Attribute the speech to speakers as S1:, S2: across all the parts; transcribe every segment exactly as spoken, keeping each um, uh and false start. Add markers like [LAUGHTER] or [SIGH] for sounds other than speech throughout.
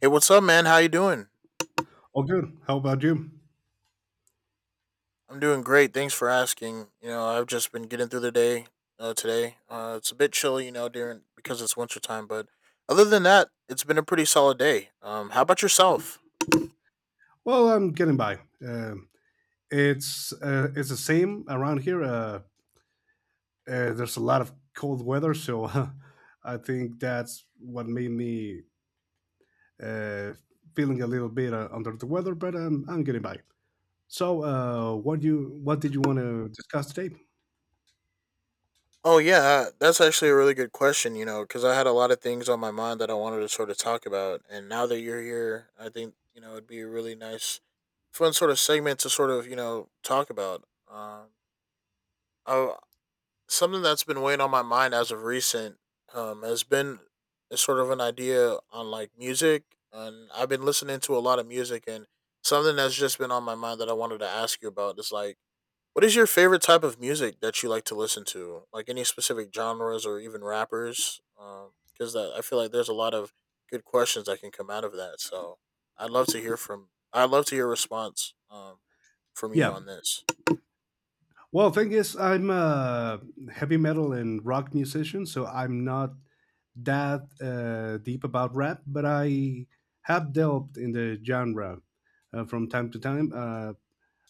S1: Hey, what's up, man? How you doing?
S2: All good. How about you?
S1: I'm doing great. Thanks for asking. You know, I've just been getting through the day uh, today. Uh, it's a bit chilly, you know, during because it's winter time. But other than that, it's been a pretty solid day. Um, how about yourself?
S2: Well, I'm getting by. Um it's uh, it's the same around here. Uh, uh, there's a lot of cold weather, so [LAUGHS] I think that's what made me uh, feeling a little bit uh, under the weather. But um, I'm getting by. So, uh, what you what did you want to discuss today?
S1: Oh yeah, uh, that's actually a really good question. You know, because I had a lot of things on my mind that I wanted to sort of talk about, and now that you're here, I think you know it'd be a really nice, fun sort of segment to sort of you know talk about. Um, I Something that's been weighing on my mind as of recent um, has been a sort of an idea on like music, and I've been listening to a lot of music. And something that's just been on my mind that I wanted to ask you about is like, what is your favorite type of music that you like to listen to? Like any specific genres or even rappers? Because that I feel like there's a lot of good questions that can come out of that. So I'd love to hear from. I'd love to hear a response um, from you
S2: Yeah.
S1: on this.
S2: Well, thing is, I'm a heavy metal and rock musician, so I'm not that uh, deep about rap, but I have delved in the genre uh, from time to time. Uh,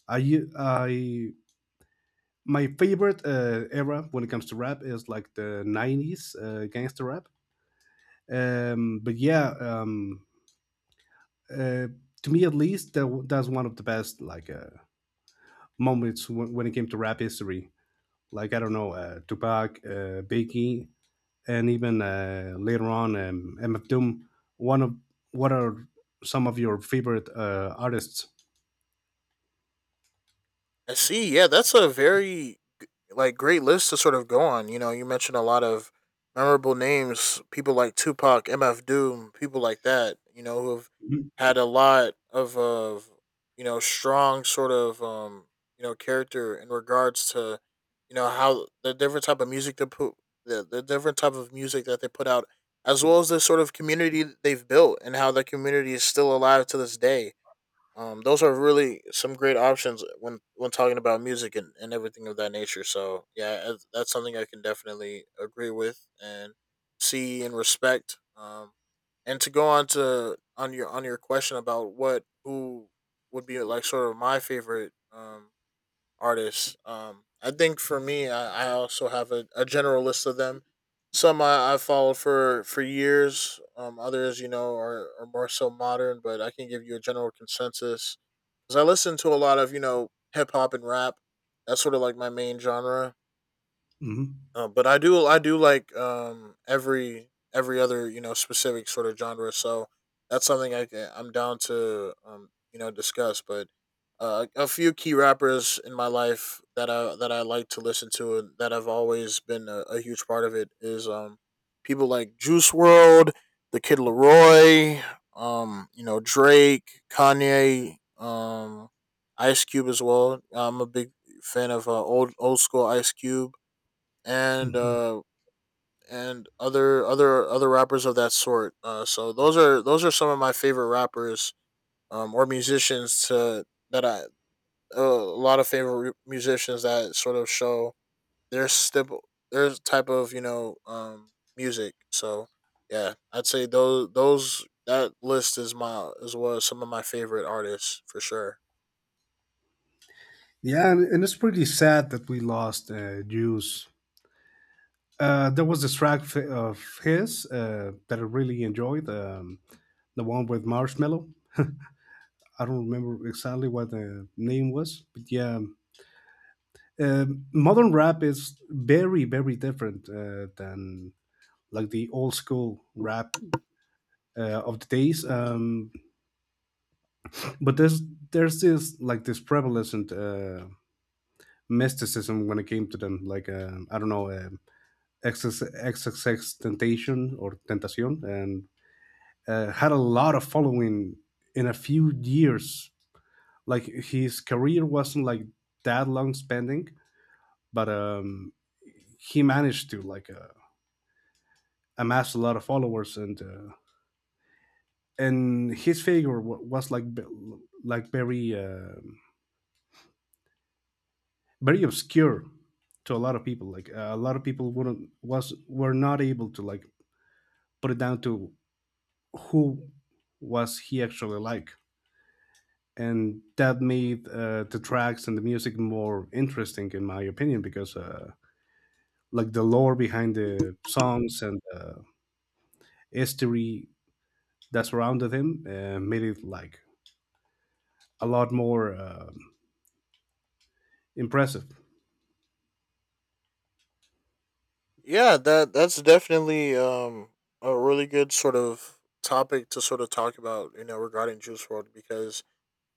S2: I, u- I My favorite uh, era when it comes to rap is like the nineties uh, gangster rap. Um, but yeah. um, uh, to me at least, that, w- that's one of the best, like, uh, moments when, when it came to rap history. Like, I don't know, uh, Tupac, uh, Biggie, and even uh, later on um, M F Doom. One of What are some of your favorite uh, artists?
S1: I see. Yeah, that's a very like great list to sort of go on. You know, you mentioned a lot of memorable names, people like Tupac, MF Doom, people like that. You know, who've had a lot of of you know strong sort of um you know character in regards to you know how the different type of music to put the, the different type of music that they put out as well as the sort of community that they've built and how that community is still alive to this day, um, those are really some great options when when talking about music and, and everything of that nature. So yeah, that's that's something I can definitely agree with and see and respect. Um, and to go on to on your on your question about what who would be like sort of my favorite um artists. Um, I think for me, I, I also have a, a general list of them. Some I, I followed for for years. Um, others, you know, are, are more so modern, but I can give you a general consensus. Cause I listen to a lot of you know hip hop and rap. That's sort of like my main genre.
S2: Hmm.
S1: Uh, but I do I do like um every every other you know specific sort of genre. So that's something I ca- I'm down to um you know discuss. But uh, a few key rappers in my life that I that I like to listen to and that have always been a, a huge part of it is um people like Juice World, the Kid Leroy, um you know Drake, Kanye, um Ice Cube as well. I'm a big fan of uh, old old school Ice Cube and
S2: Hmm.
S1: uh and other other other rappers of that sort. Uh, so those are those are some of my favorite rappers um or musicians to that I a lot of favorite musicians that sort of show their stip their type of you know um music. So yeah, I'd say those those that list is my as well as some of my favorite artists for sure.
S2: Yeah, and, and it's pretty sad that we lost uh, Juice. Uh, there was this track f- of his uh, that I really enjoyed, um, the one with Marshmello. I don't remember exactly what the name was, but yeah. Um, um, modern rap is very, very different uh, than, like, the old school rap uh, of the days. Um, but there's there's this, like, this prevalent uh, mysticism when it came to them, like, um, I don't know, um, xxx temptation or tentacion, and uh, had a lot of following in a few years. Like, his career wasn't, like, that long spending, but um, he managed to, like, uh, amass a lot of followers, and uh, and his figure wa- was, like, be- like, very, uh, very obscure to a lot of people. Like, uh, a lot of people wouldn't was were not able to, like, put it down to who was he, actually, like. And that made uh, the tracks and the music more interesting, in my opinion, because uh, like, the lore behind the songs and uh, history that surrounded him uh, made it, like, a lot more uh, impressive.
S1: Yeah, that that's definitely um a really good sort of topic to sort of talk about, you know, regarding Juice World because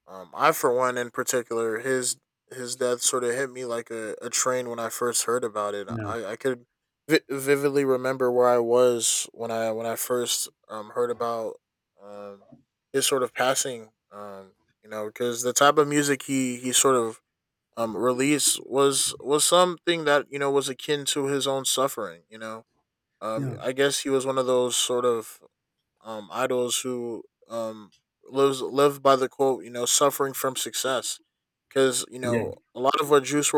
S1: um I for one in particular his his death sort of hit me like a, a train when I first heard about it.
S2: Yeah.
S1: I I could vi- vividly remember where I was when I when I first um heard about um his sort of passing, um you know because the type of music he he sort of um release was was something that you know was akin to his own suffering you know, um
S2: Yeah.
S1: I guess he was one of those sort of um idols who um lives lived by the quote you know suffering from success because you
S2: Yeah.
S1: know a lot of what juice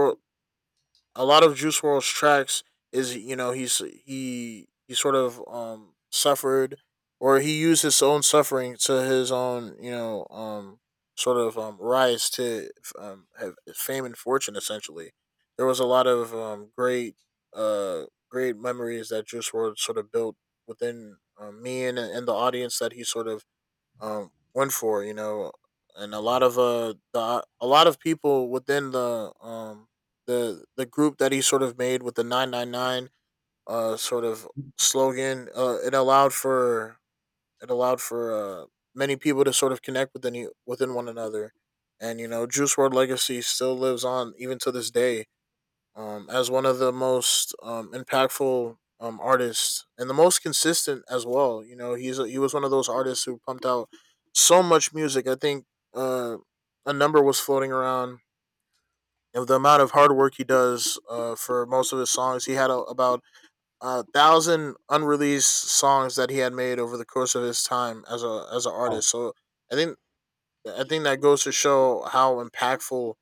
S1: a lot of Juice World's tracks is you know he's he he sort of um suffered or he used his own suffering to his own you know um sort of um rise to um have fame and fortune essentially. There was a lot of um great uh great memories that Juice World sort of built within, um, me and and the audience that he sort of um went for you know and a lot of uh the, uh, a lot of people within the um the the group that he sort of made with the nine nine nine uh sort of slogan. Uh it allowed for it allowed for uh many people to sort of connect within you- within one another, and you know Juice World legacy still lives on even to this day, um, as one of the most um, impactful um, artists and the most consistent as well. You know, he's a, he was one of those artists who pumped out so much music. I think uh, a number was floating around of the amount of hard work he does uh, for most of his songs. He had a, about a thousand unreleased songs that he had made over the course of his time as a as an
S2: Oh.
S1: artist. So I think I think that goes to show how impactful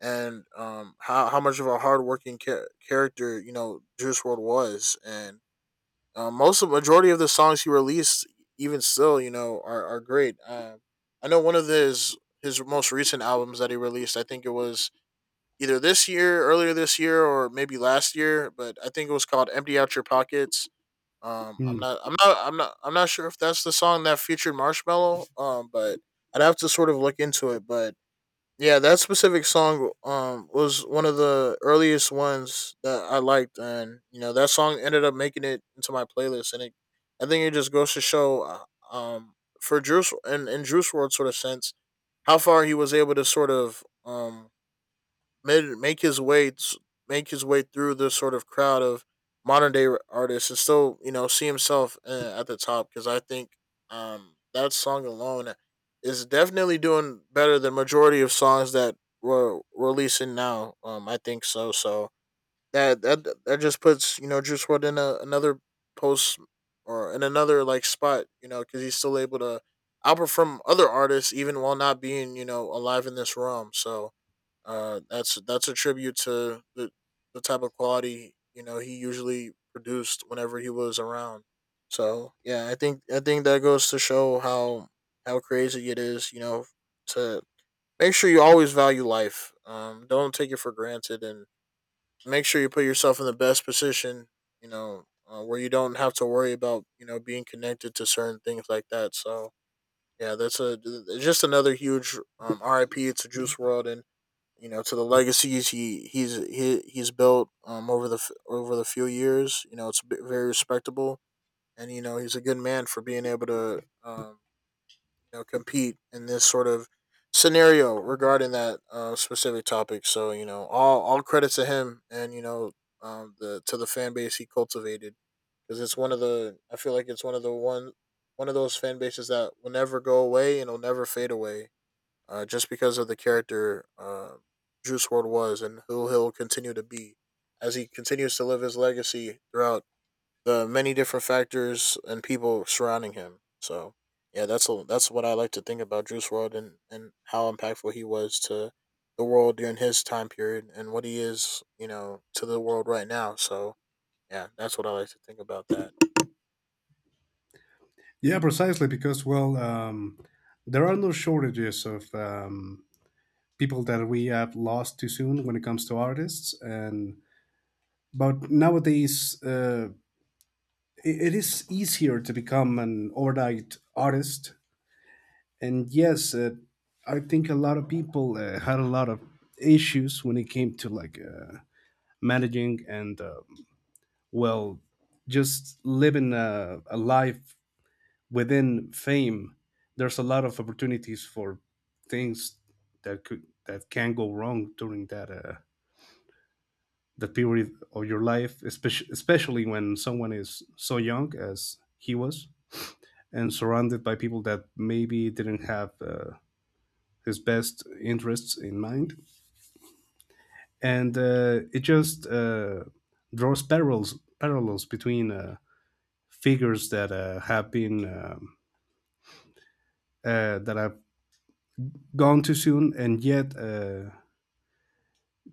S1: and um how, how much of a hardworking char- character you know Juice World was, and uh, most of majority of the songs he released, even still, you know, are are great. Um, I know one of his his most recent albums that he released, I think it was either this year, earlier this year, or maybe last year, but I think it was called "Empty Out Your Pockets." Um, I'm
S2: Mm,
S1: not, I'm not, I'm not, I'm not sure if that's the song that featured Marshmello. Um, but I'd have to sort of look into it, but yeah, that specific song um was one of the earliest ones that I liked, and you know that song ended up making it into my playlist, and it I think it just goes to show uh, um for Juice and in, in Juice World sort of sense how far he was able to sort of um made, make his way make his way through this sort of crowd of modern day artists and still you know see himself uh, at the top because I think, um, that song alone is definitely doing better than majority of songs that we're releasing now. Um, I think so. So that that that just puts you know Juice World in a, another post or in another like spot, you know, because he's still able to outperform other artists even while not being you know alive in this realm. So uh, that's that's a tribute to the the type of quality you know he usually produced whenever he was around. So yeah, I think I think that goes to show how how crazy it is, you know, to make sure you always value life. Um, don't take it for granted, and make sure you put yourself in the best position, you know, uh, where you don't have to worry about you know being connected to certain things like that. So yeah, that's a it's just another huge, um, RIP to Juice World, and you know to the
S2: yeah.
S1: legacies he he's he, he's built um over the over the few years. You know it's very respectable and you know he's a good man for being able to um you know compete in this sort of scenario regarding that uh, specific topic. So you know all all credit to him and you know um the to the fan base he cultivated because it's one of the i feel like it's one of the one one of those fan bases that will never go away and will never fade away uh, just because of the character, uh, Juice World was and who he'll continue to be as he continues to live his legacy throughout the many different factors and people surrounding him. So yeah, that's a, that's what I like to think about Juice World and and how impactful he was to the world during his time period and what he is, you know, to the world right now. So yeah, that's what I like to think about that.
S2: Yeah, precisely, because, well, um, there are no shortages of um, people that we have lost too soon when it comes to artists. And, but nowadays, uh, it, it is easier to become an overnight artist. And yes, uh, I think a lot of people uh, had a lot of issues when it came to, like, uh, managing and, uh, well, just living a, a life within fame. There's a lot of opportunities for things that could that can go wrong during that uh, the period of your life, especially especially when someone is so young as he was, and surrounded by people that maybe didn't have uh, his best interests in mind, and uh, it just uh, draws parallels parallels between uh, figures that uh, have been, um, uh, that have gone too soon, and yet uh,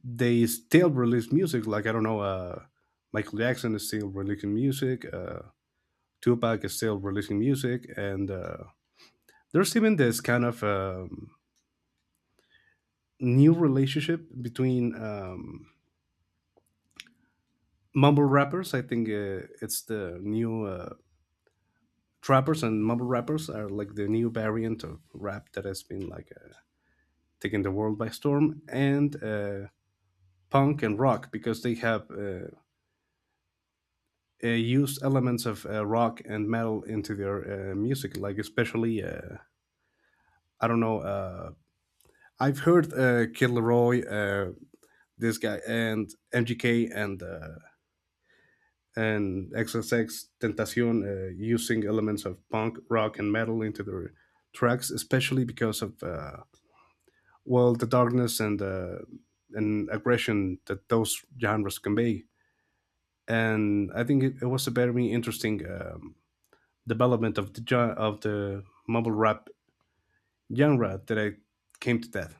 S2: they still release music. Like, I don't know, uh, Michael Jackson is still releasing music. Uh, Tupac is still releasing music, and uh, there's even this kind of um, new relationship between um, mumble rappers. I think uh, it's the new uh, trappers and mumble rappers are like the new variant of rap that has been, like, uh, taking the world by storm, and uh, punk and rock, because they have. Uh, uh, used elements of uh, rock and metal into their uh, music, like, especially, uh, I don't know. Uh, I've heard uh, Kid Laroi, uh, this guy, and M G K, and uh, and XsX Tentacion, uh, using elements of punk, rock, and metal into their tracks, especially because of, uh, well, the darkness and uh, and aggression that those genres convey. And I think it, it was a very interesting um, development of the gen- of the mumble rap genre that I came to that.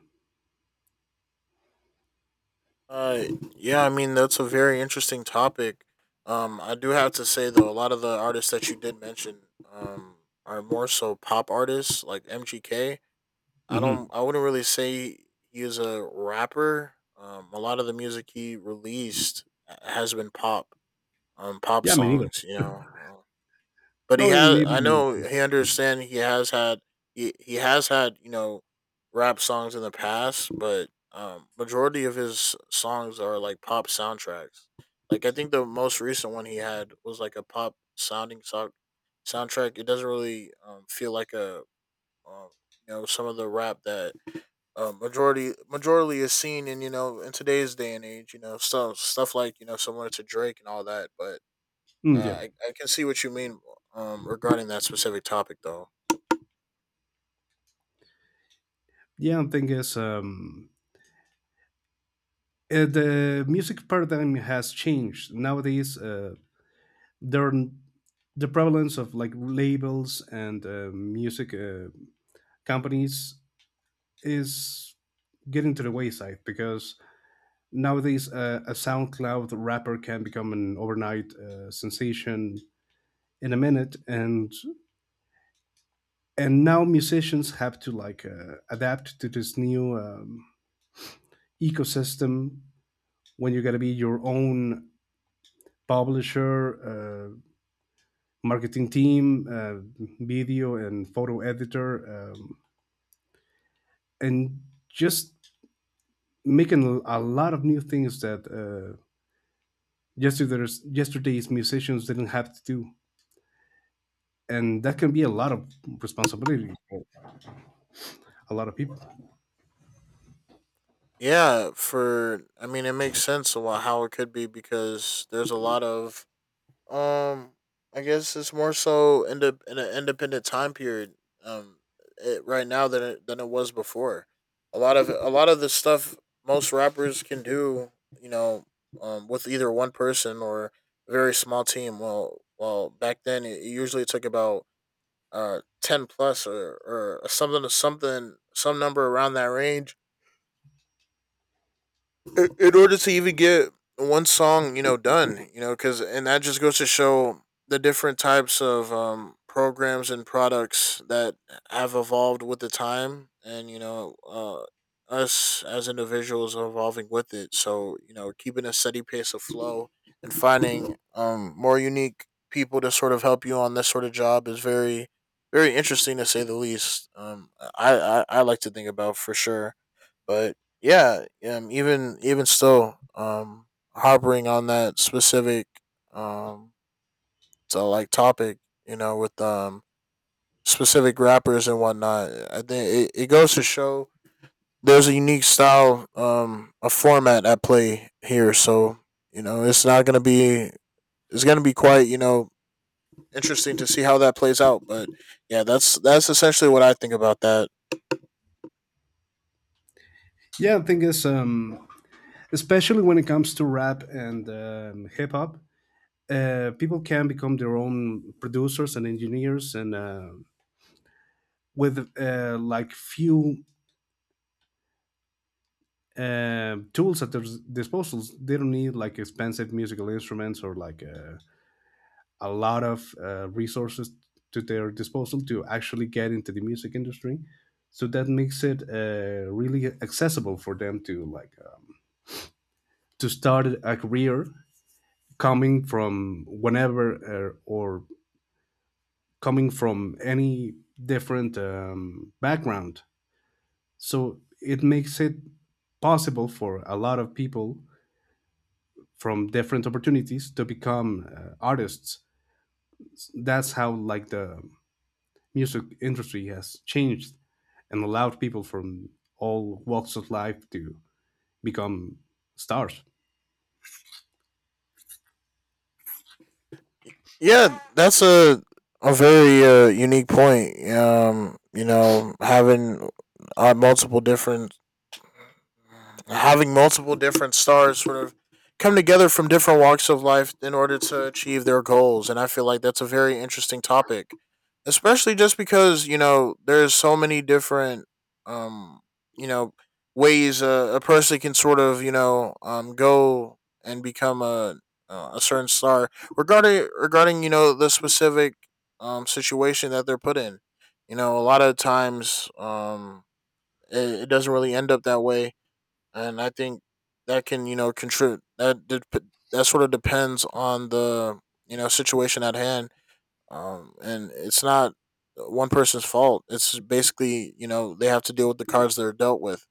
S1: Uh, yeah, I mean that's a very interesting topic. Um, I do have to say though, a lot of the artists that you did mention, um, are more so pop artists like M G K. I don't,
S2: Hmm.
S1: I wouldn't really say he is a rapper. Um, a lot of the music he released has been pop, um, pop
S2: Yeah, me neither.
S1: songs. You know. Um, but he
S2: No. And
S1: has. I
S2: even,
S1: know he understand. He has had. He he has had, you know, rap songs in the past, but um, majority of his songs are like pop soundtracks. Like I think the most recent one he had was like a pop sounding so- soundtrack. It doesn't really um, feel like a um, you know, some of the rap that um, majority majority is seen in, you know, in today's day and age. You know, stuff stuff like, you know, similar to Drake and all that, but
S2: mm, yeah.
S1: uh, I, I can see what you mean um, regarding that specific topic, though.
S2: Yeah. The thing is, um, uh, the music paradigm has changed nowadays. Uh, there, are n- the prevalence of, like, labels and uh, music uh, companies is getting to the wayside, because nowadays, uh, a SoundCloud rapper can become an overnight uh, sensation in a minute. And and now musicians have to, like, uh, adapt to this new um, ecosystem, when you gotta be your own publisher, uh, marketing team, uh, video and photo editor, um, and just making a lot of new things that uh, yesterday's yesterday's musicians didn't have to do. And that can be a lot of responsibility for a lot of people.
S1: Yeah, for, I mean, it makes sense a lot how it could be because there's a lot of um, I guess it's more so in the in an independent time period um it, right now, than it, than it was before. A lot of a lot of the stuff most rappers can do, you know, um, with either one person or a very small team. Well, well, back then it usually took about uh ten plus, or or something something some number around that range in order to even get one song, you know, done, you know, because, and that just goes to show the different types of um, programs and products that have evolved with the time, and, you know, uh, us as individuals are evolving with it. So, you know, keeping a steady pace of flow and finding um, more unique people to sort of help you on this sort of job is very, very interesting to say the least. Um, I, I I like to think about, for sure, but yeah, yeah, um, even even still, um, harboring on that specific um, so like topic, you know, with um specific rappers and whatnot. I think it, it goes to show there's a unique style, um, a format at play here. So, you know, it's not gonna be it's gonna be quite, you know, interesting to see how that plays out. But yeah, that's that's essentially what I think about that.
S2: Yeah, the thing is, um, especially when it comes to rap and, um, hip-hop, uh, people can become their own producers and engineers, and uh, with, uh, like, few uh, tools at their s- disposals, they don't need, like, expensive musical instruments, or, like, uh, a lot of uh, resources to their disposal to actually get into the music industry. So that makes it uh, really accessible for them to, like, um, to start a career coming from whenever, uh, or coming from any different um, background, so it makes it possible for a lot of people from different opportunities to become, uh, artists. That's how, like, the music industry has changed and allowed people from all walks of life to become stars.
S1: Yeah, that's a a very uh, unique point. Um, you know, having uh, multiple different having multiple different stars sort of come together from different walks of life in order to achieve their goals, and I feel like that's a very interesting topic, especially just because, you know, there's so many different um you know ways a, a person can sort of, you know, um, go and become a uh, a certain star, regarding regarding you know the specific um situation that they're put in. You know, a lot of times, um, it, it doesn't really end up that way, and I think that can, you know, contribute that did that sort of depends on the, you know, situation at hand, um, and it's not one person's fault. It's basically, you know, they have to deal with the cards they're dealt with,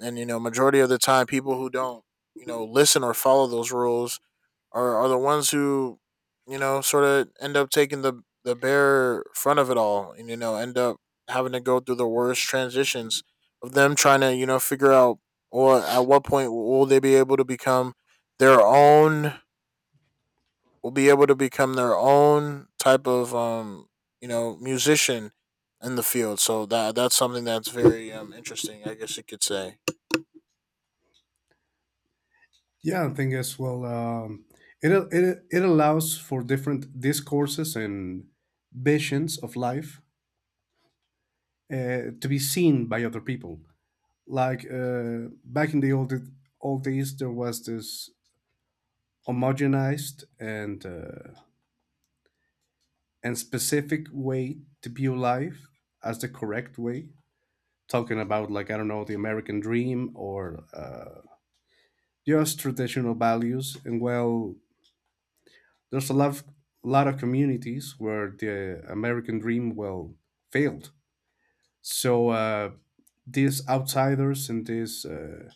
S1: and, you know, majority of the time people who don't, you know, listen or follow those rules are are the ones who, you know, sort of end up taking the the bare front of it all, and you know end up having to go through the worst transitions of them trying to, you know, figure out or at what point will they be able to become their own will be able to become their own type of um you know musician in the field. So that that's something that's very, um, interesting, I guess you could say.
S2: Yeah, I think as well. Um, it, it it allows for different discourses and visions of life uh, to be seen by other people. Like, uh, back in the old old days, there was this homogenized and uh, and specific way to view life as the correct way, talking about, like, I don't know, the American dream, or uh, just traditional values. And, well, there's a lot of, lot of communities where the American dream, well, failed. So, uh, these outsiders and these uh,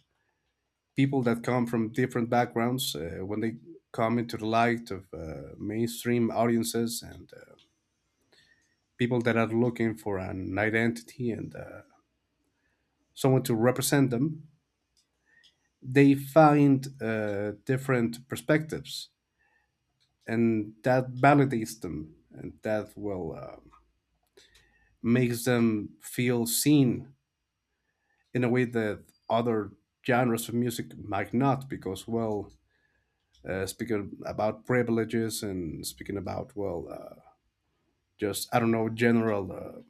S2: people that come from different backgrounds, uh, when they come into the light of uh, mainstream audiences, and uh, people that are looking for an identity, and uh, someone to represent them, they find uh, different perspectives, and that validates them, and that will uh, makes them feel seen in a way that other genres of music might not, because, well, uh, speaking about privileges, and speaking about, well, uh, just, I don't know, general uh,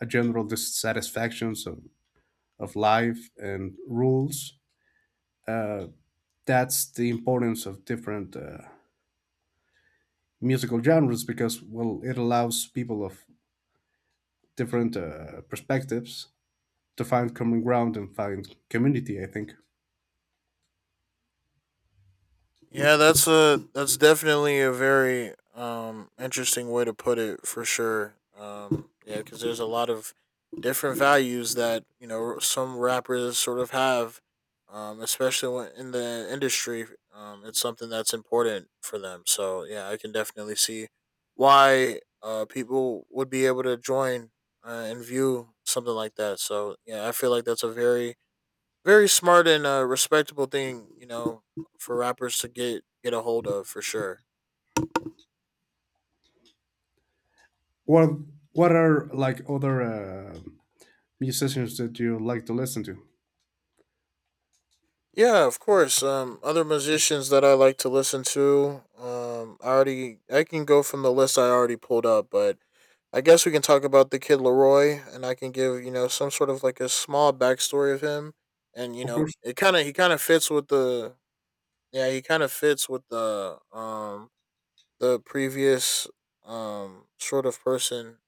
S2: a general dissatisfactions of, of life and rules. uh, that's the importance of different uh, musical genres, because, well, it allows people of different uh, perspectives to find common ground and find community, I think.
S1: Yeah, that's a that's definitely a very, um, interesting way to put it, for sure. Um, yeah, because there's a lot of different values that, you know, some rappers sort of have, um, especially when in the industry. Um, it's something that's important for them. So yeah, I can definitely see why, uh, people would be able to join, uh, and view something like that. So yeah, I feel like that's a very, very smart and a respectable thing, you know, for rappers to get get a hold of, for sure.
S2: What What are, like, other uh, musicians that you like to listen to?
S1: Yeah, of course. Um, other musicians that I like to listen to. Um, I already I can go from the list I already pulled up, but I guess we can talk about the Kid Leroy, and I can give, you know, some sort of like a small backstory of him, and you
S2: Of
S1: know
S2: course.
S1: it kind of he kind of fits with the yeah, he kind of fits with the um the previous um sort of person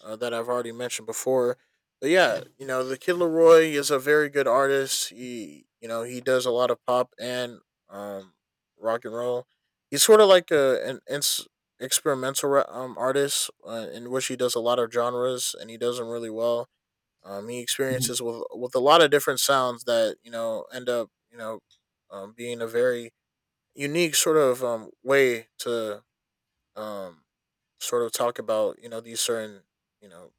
S1: uh, that I've already mentioned before. But yeah, you know, the Kid Leroy is a very good artist. He, you know, he does a lot of pop and um, rock and roll. He's sort of like a an ins- experimental ra- um, artist, uh, in which he does a lot of genres and he does them really well. Um, he
S2: Mhm.
S1: experiences with with a lot of different sounds that, you know, end up, you know, um, being a very unique sort of, um, way to um, sort of talk about, you know, these certain, you know,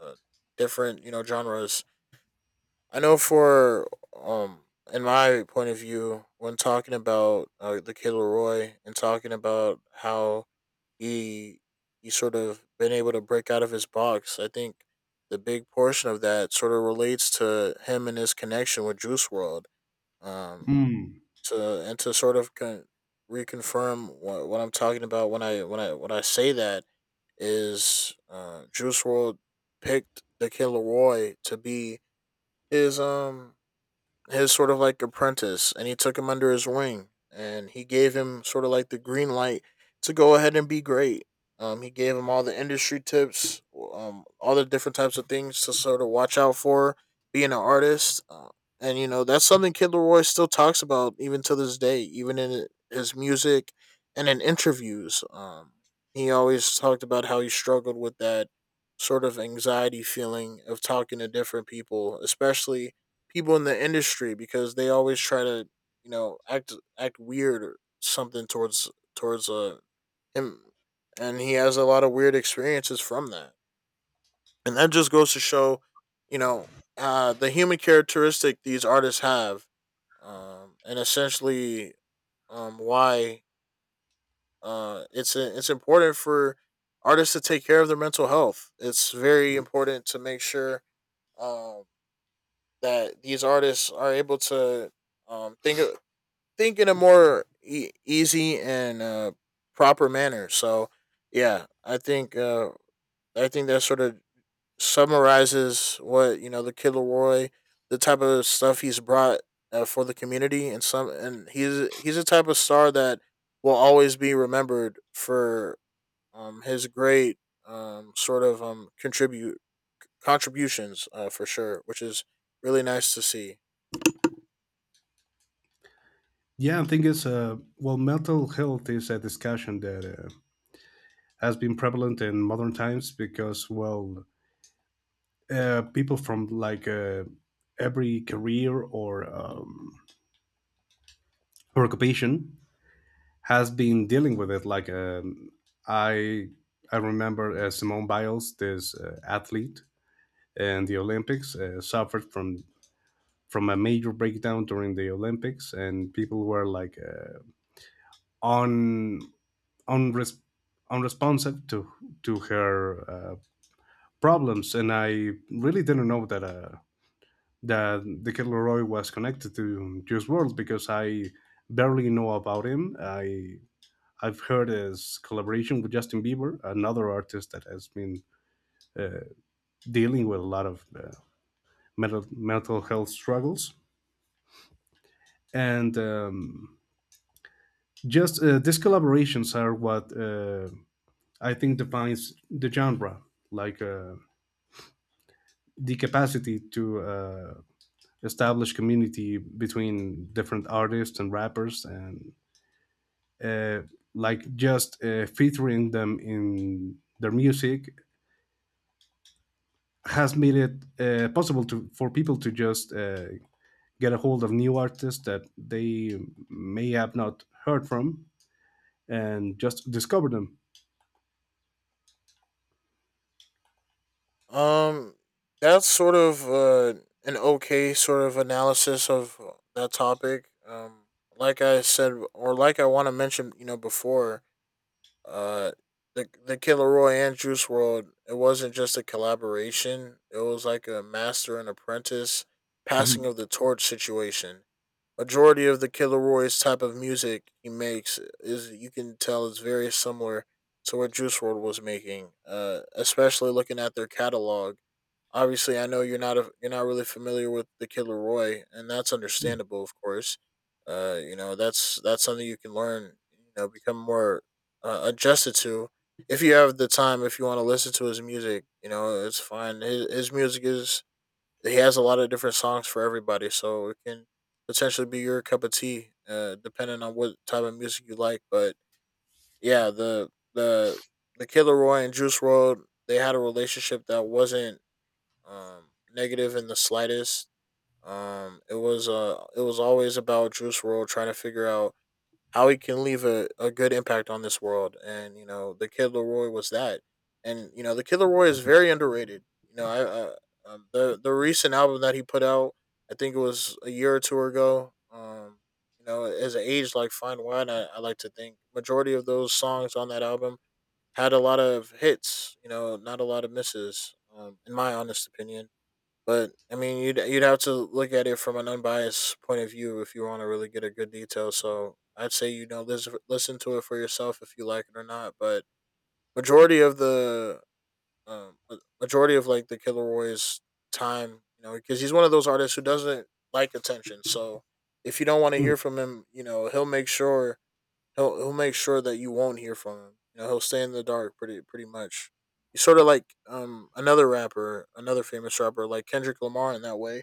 S1: uh, different, you know, genres. I know for um in my point of view, when talking about, uh, the Kid Leroy and talking about how he he sort of been able to break out of his box. I think the big portion of that sort of relates to him and his connection with Juice World. Um,
S2: Mm.
S1: to and to sort of con- reconfirm what, what I'm talking about, when I when I when I say that, is, uh, Juice World picked the Killer Roy to be his um his sort of like apprentice, and he took him under his wing and he gave him sort of like the green light to go ahead and be great. Um, he gave him all the industry tips, um, all the different types of things to sort of watch out for being an artist. Uh, and, you know, that's something Kid Leroy still talks about even to this day, even in his music and in interviews. Um, he always talked about how he struggled with that sort of anxiety feeling of talking to different people, especially people in the industry, because they always try to, you know, act act weird or something towards towards uh him, and he has a lot of weird experiences from that. And that just goes to show, you know, uh, the human characteristic these artists have, um, and essentially, um, why, uh, it's it's important for artists to take care of their mental health. It's very important to make sure, um, that these artists are able to, um, think think in a more e- easy and, uh, proper manner. So yeah, I think, uh, I think that sort of summarizes what, you know, the Kid Leroy, the type of stuff he's brought, uh, for the community, and some and he's he's a type of star that will always be remembered for, um, his great, um, sort of, um, contribute contributions, uh, for sure, which is really nice to see.
S2: Yeah, I think it's, uh, well, mental health is a discussion that uh, has been prevalent in modern times because, well, uh, people from, like, uh, every career or um, or occupation has been dealing with it. Like, um, I I remember uh, Simone Biles, this uh, athlete and the Olympics, uh, suffered from from a major breakdown during the Olympics, and people were, like, uh, un, unres- unresponsive to to her uh, problems, and I really didn't know that uh, that the Kid Leroy was connected to Juice World, because I barely know about him. I I've heard his collaboration with Justin Bieber, another artist that has been uh, dealing with a lot of uh, mental mental health struggles, and um, just, uh, these collaborations are what, uh, I think, defines the genre, like, uh, the capacity to uh, establish community between different artists and rappers, and, uh, like, just uh, featuring them in their music has made it uh, possible to for people to just uh, get a hold of new artists that they may have not heard from, and just discover them.
S1: Um, that's sort of, uh, an okay sort of analysis of, uh, that topic. Um, like I said, or like I want to mention, you know, before, uh, the the Killer Roy and Juice World, it wasn't just a collaboration. It was like a master and apprentice passing
S2: Mhm.
S1: of the torch situation. Majority of the Killer Roy's type of music he makes, is, you can tell, is very similar to what Juice World was making. Uh, especially looking at their catalog. Obviously, I know you're not a, you're not really familiar with the Killer Roy, and that's understandable, of course. Uh, you know, that's that's something you can learn. You know, become more, uh, adjusted to, if you have the time. If you want to listen to his music, you know, it's fine. His, his music is he has a lot of different songs for everybody, so it can potentially be your cup of tea, uh, depending on what type of music you like. But yeah, the the the Killer Roy and Juice World, they had a relationship that wasn't, um, negative in the slightest. Um, it was uh, it was always about Juice World trying to figure out how he can leave a, a good impact on this world. And, you know, the Kid Laroi was that. And, you know, the Kid Laroi is very underrated. You know, I, I um, the, the recent album that he put out, I think it was a year or two ago. Um, you know, as an age like fine wine, I, I like to think majority of those songs on that album had a lot of hits, you know, not a lot of misses, um, in my honest opinion. But I mean, you'd you'd have to look at it from an unbiased point of view if you want to really get a good detail. So I'd say, you know, listen listen to it for yourself if you like it or not. But majority of the um, ma- majority of like the Killer Roy's time, you know, because he's one of those artists who doesn't like attention. So if you don't want to
S2: Mm.
S1: hear from him, you know, he'll make sure he'll he'll make sure that you won't hear from him. You know, he'll stay in the dark pretty pretty much. He's sort of like um another rapper, another famous rapper like Kendrick Lamar in that way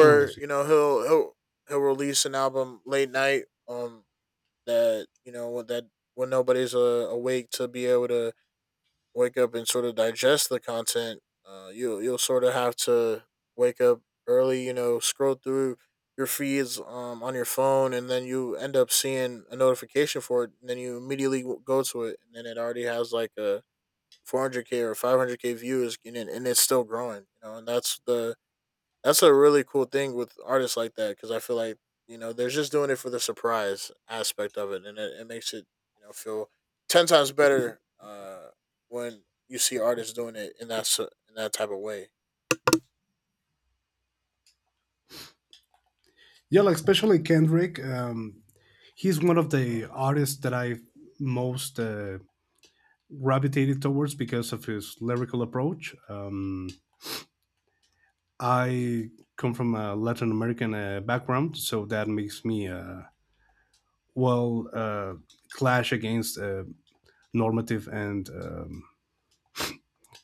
S2: Oh, I see.
S1: you know he'll he'll he'll release an album late night um that you know that when nobody's uh, awake to be able to wake up and sort of digest the content. uh you you'll sort of have to wake up early, you know, scroll through your feeds um on your phone, and then you end up seeing a notification for it, and then you immediately w- go to it, and then it already has like a four hundred k or five hundred k views, and, it, and it's still growing, you know. And that's the that's a really cool thing with artists like that, because I feel like you know they're just doing it for the surprise aspect of it, and it, it makes it you know feel ten times better uh, when you see artists doing it in that s- in that type of way.
S2: Yeah, like, especially Kendrick. Um, he's one of the artists that I most uh, gravitated towards because of his lyrical approach. Um, I come from a Latin American uh, background, so that makes me, uh, well uh, clash against uh, normative and, um,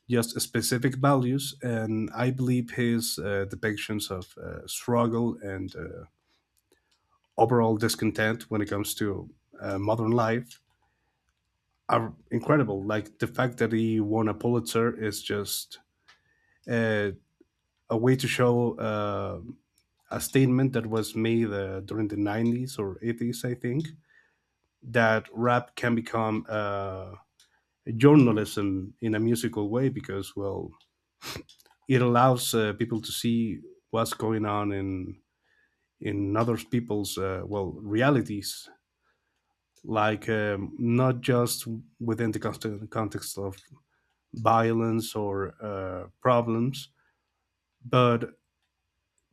S2: just, specific values. And I believe his uh, depictions of uh, struggle and uh, overall discontent when it comes to uh, modern life are incredible. Like the fact that he won a Pulitzer is just, uh, a way to show uh, a statement that was made uh, during the nineties or eighties, I think, that rap can become uh, journalism in a musical way, because, well, it allows uh, people to see what's going on in in other people's, uh, well, realities. Like, um, not just within the context of violence or uh, problems, but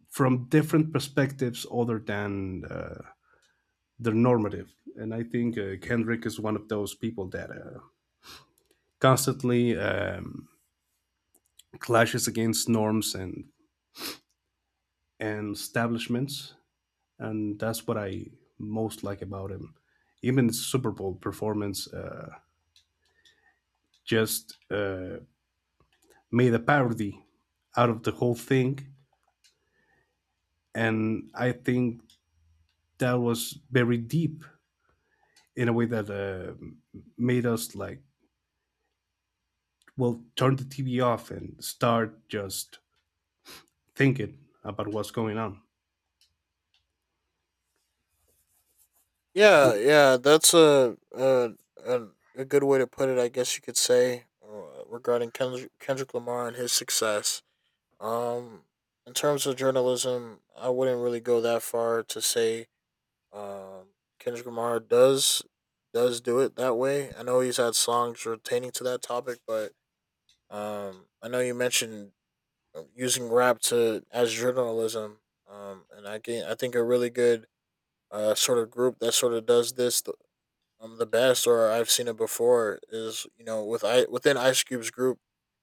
S2: from different perspectives other than, uh, the normative. And I think uh, Kendrick is one of those people that uh, constantly um, clashes against norms and and establishments, and that's what I most like about him. Even the Super Bowl performance uh, just uh, made a parody out of the whole thing, and I think that was very deep in a way that uh, made us, like, will turn the T V off and start just thinking about what's going on.
S1: Yeah, yeah, that's a a, a, a good way to put it. I guess you could say, uh, regarding Kendrick, Kendrick Lamar and his success. Um, in terms of journalism, I wouldn't really go that far to say. Um, Kendrick Lamar does does do it that way. I know he's had songs pertaining to that topic, but um, I know you mentioned uh, using rap to as journalism. Um, and I can I think a really good uh sort of group that sort of does this the, um the best, or I've seen it before, is you know with I within Ice Cube's group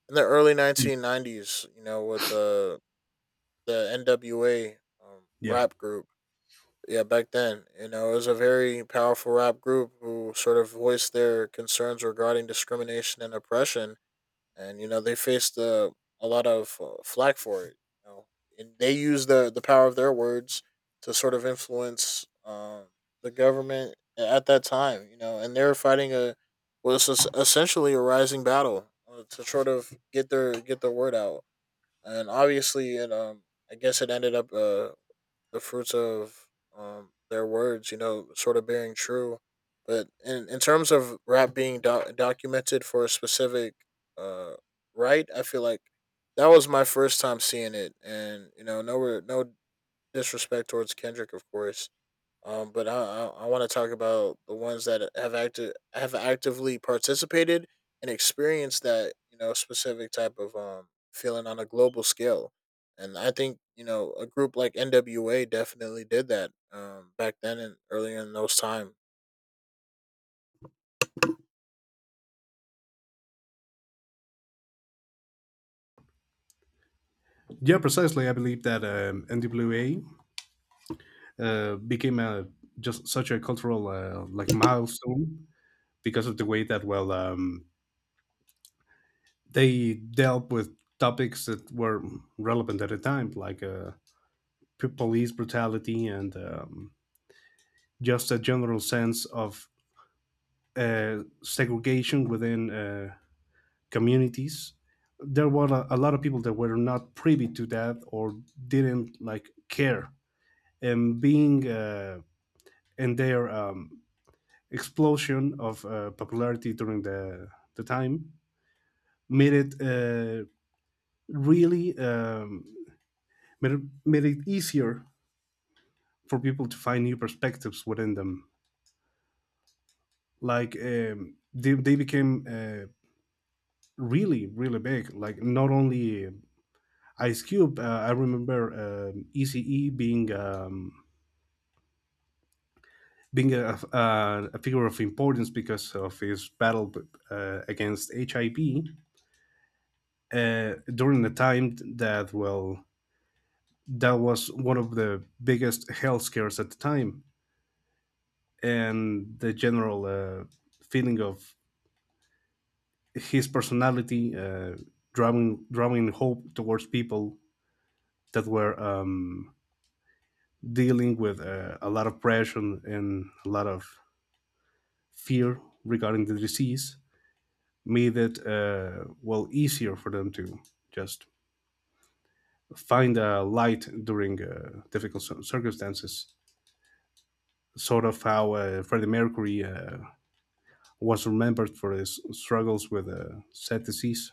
S1: in the early
S2: Mm.
S1: nineteen nineties. You know with the the N W A um,
S2: Yeah,
S1: rap group. Yeah, back then, you know, it was a very powerful rap group who sort of voiced their concerns regarding discrimination and oppression, and you know they faced uh, a lot of uh, flack for it. You know, and they used the the power of their words to sort of influence um, the government at that time. You know, and they were fighting a was es- essentially a rising battle, uh, to sort of get their get their word out, and obviously, it um, I guess it ended up, uh the fruits of um their words, you know, sort of bearing true. But in in terms of rap being doc- documented for a specific uh right, I feel like that was my first time seeing it, and you know, no re- no disrespect towards Kendrick, of course, um, but I I, I want to talk about the ones that have active have actively participated and experienced that you know specific type of um feeling on a global scale, and I think you know a group like N W A definitely did that um back then and earlier in those time.
S2: yeah, precisely. I believe that um, N W A uh, became a just such a cultural, uh, like, milestone because of the way that, well, um, they dealt with topics that were relevant at the time, like, uh, p- police brutality, and um, just a general sense of uh, segregation within uh, communities. There were a, a lot of people that were not privy to that, or didn't, like, care. And being uh, in their um, explosion of uh, popularity during the, the time, made it uh, really, um, made, it, made it easier for people to find new perspectives within them. Like, um, they, they became uh, really, really big, like, not only Ice Cube. Uh, I remember, um, E C E being, um, being a, a, a figure of importance because of his battle uh, against H I V uh, during the time that, well, that was one of the biggest health scares at the time, and the general uh, feeling of his personality uh, drawing drawing hope towards people that were, um, dealing with uh, a lot of pressure and a lot of fear regarding the disease, made it, uh, well, easier for them to just find a light during uh, difficult circumstances. Sort of how uh, Freddie Mercury uh, was remembered for his struggles with uh, sad disease.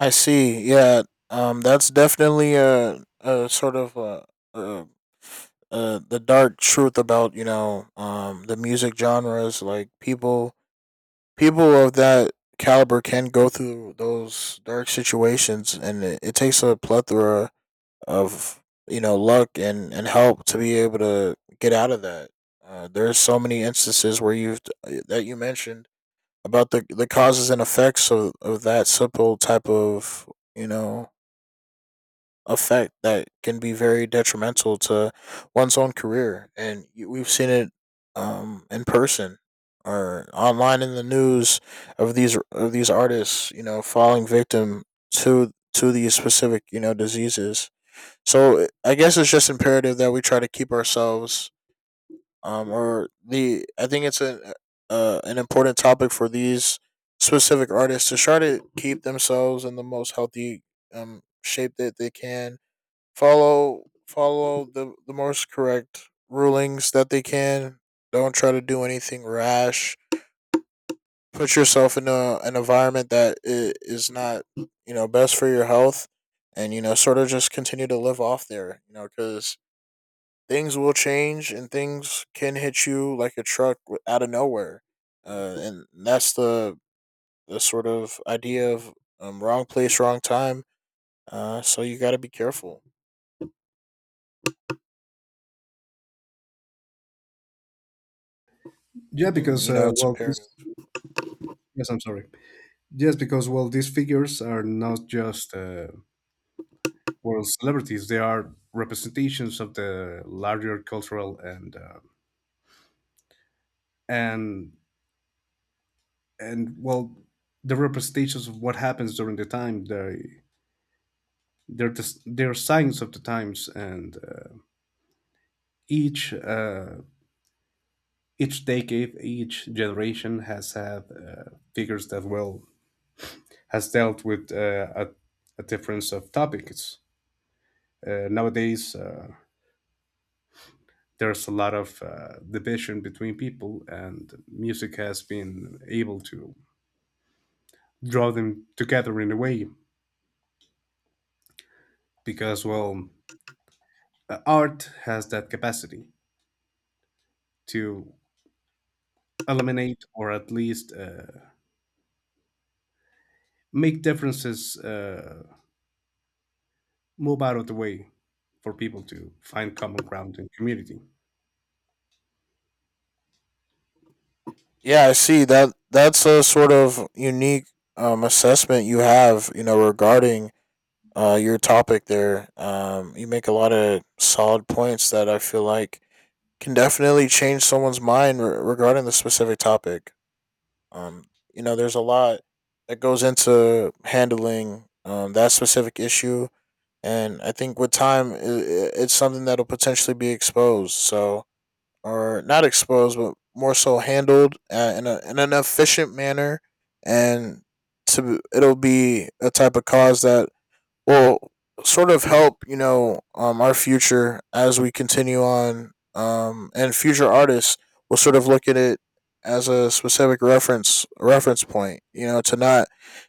S1: I see. Yeah. Um. That's definitely a a sort of a, a, a the dark truth about you know um the music genres, like people people of that caliber can go through those dark situations, and it, it takes a plethora of you know luck and and help to be able to get out of that. Uh, there's so many instances where you've that you mentioned about the the causes and effects of, of that simple type of you know effect that can be very detrimental to one's own career. And y- we've seen it, um, in person or online in the news of these of these artists, you know, falling victim to to these specific you know diseases. So I guess it's just imperative that we try to keep ourselves, um, or the I think it's an uh, an important topic for these specific artists to try to keep themselves in the most healthy um, shape that they can. Follow follow the the most correct rulings that they can. Don't try to do anything rash. Put yourself in a, an environment that i- is not, you know, best for your health, and you know, sort of just continue to live off there. You know, because things will change and things can hit you like a truck w- out of nowhere, uh, and that's the the sort of idea of, um, wrong place, wrong time. Uh, so you got to be careful,
S2: Yeah,
S1: and
S2: because,
S1: you
S2: uh,
S1: know, it's
S2: well,
S1: imperative.
S2: this, yes, I'm sorry. Yes, because, well, these figures are not just uh, world celebrities; they are representations of the larger cultural and, uh, and and well, the representations of what happens during the time they they're just they're signs of the times. And uh, each uh, each decade, each generation has had uh, figures that, well, has dealt with uh, a, a difference of topics. Uh, nowadays, uh, there's a lot of uh, division between people, and music has been able to draw them together in a way, because, well, uh, art has that capacity to eliminate, or at least, uh, make differences uh, move out of the way for people to find common ground in community.
S1: Yeah, I see that. That's a sort of unique um, assessment you have, you know, regarding uh, your topic there. Um, you make a lot of solid points that I feel like can definitely change someone's mind re- regarding the specific topic. Um, you know, there's a lot that goes into handling um, that specific issue, and I think with time, i i- it's something that'll potentially be exposed. So, or not exposed, but more so handled, uh, in, a, in an efficient manner, and to it'll be a type of cause that will sort of help you know um, our future as we continue on, um, and future artists will sort of look at it as a specific reference reference point, you know, to not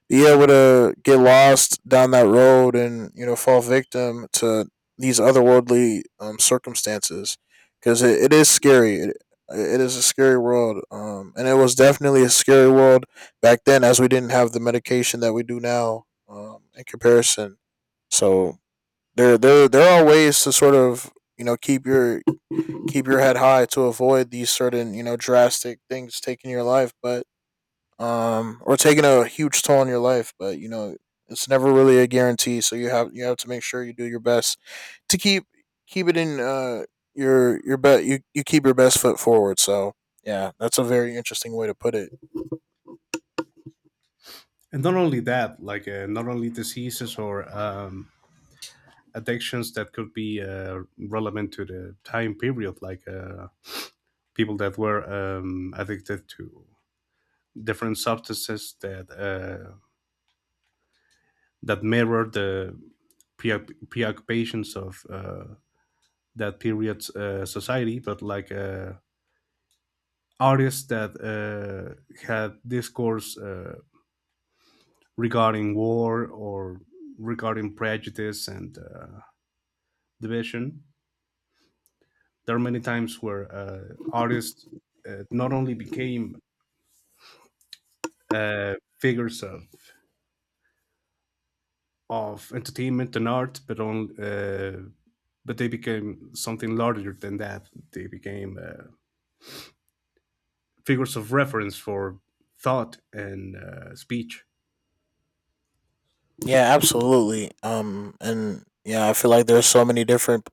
S1: be able to get lost down that road and you know fall victim to these otherworldly um, circumstances, because it, it is scary, it, it is a scary world, um, and it was definitely a scary world back then, as we didn't have the medication that we do now, um, in comparison. So there there there are ways to sort of you know keep your keep your head high to avoid these certain you know drastic things taking your life, but um or taking a huge toll on your life. But you know it's never really a guarantee, so you have you have to make sure you do your best to keep keep it in uh your your bet you you keep your best foot forward. So yeah, that's a very interesting way to put it.
S2: And not only that, like, uh, not only diseases or, um, addictions that could be uh, relevant to the time period, like, uh, people that were um, addicted to different substances that uh, that mirror the preoc- preoccupations of uh, that period's uh, society, but like, uh, artists that uh, had discourse uh, regarding war, or regarding prejudice and uh, division. There are many times where uh, artists uh, not only became uh, figures of, of entertainment and art, but on uh, but they became something larger than that. They became uh, figures of reference for thought and uh, speech.
S1: Yeah, absolutely. Um, and yeah, I feel like there's so many different,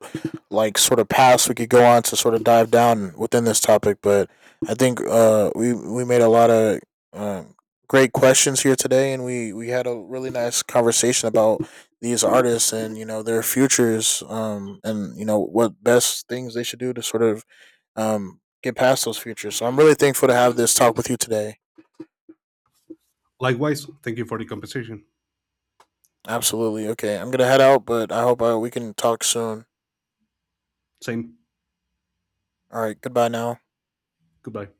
S1: like, sort of paths we could go on to sort of dive down within this topic. But I think uh, we we made a lot of um, great questions here today, and we we had a really nice conversation about these artists and you know their futures, um, and you know what best things they should do to sort of um get past those futures. So I'm really thankful to have this talk with you today.
S2: Likewise, thank you for the conversation.
S1: Absolutely. Okay, I'm gonna head out, but I hope uh, we can talk soon.
S2: Same.
S1: All right, goodbye now.
S2: Goodbye.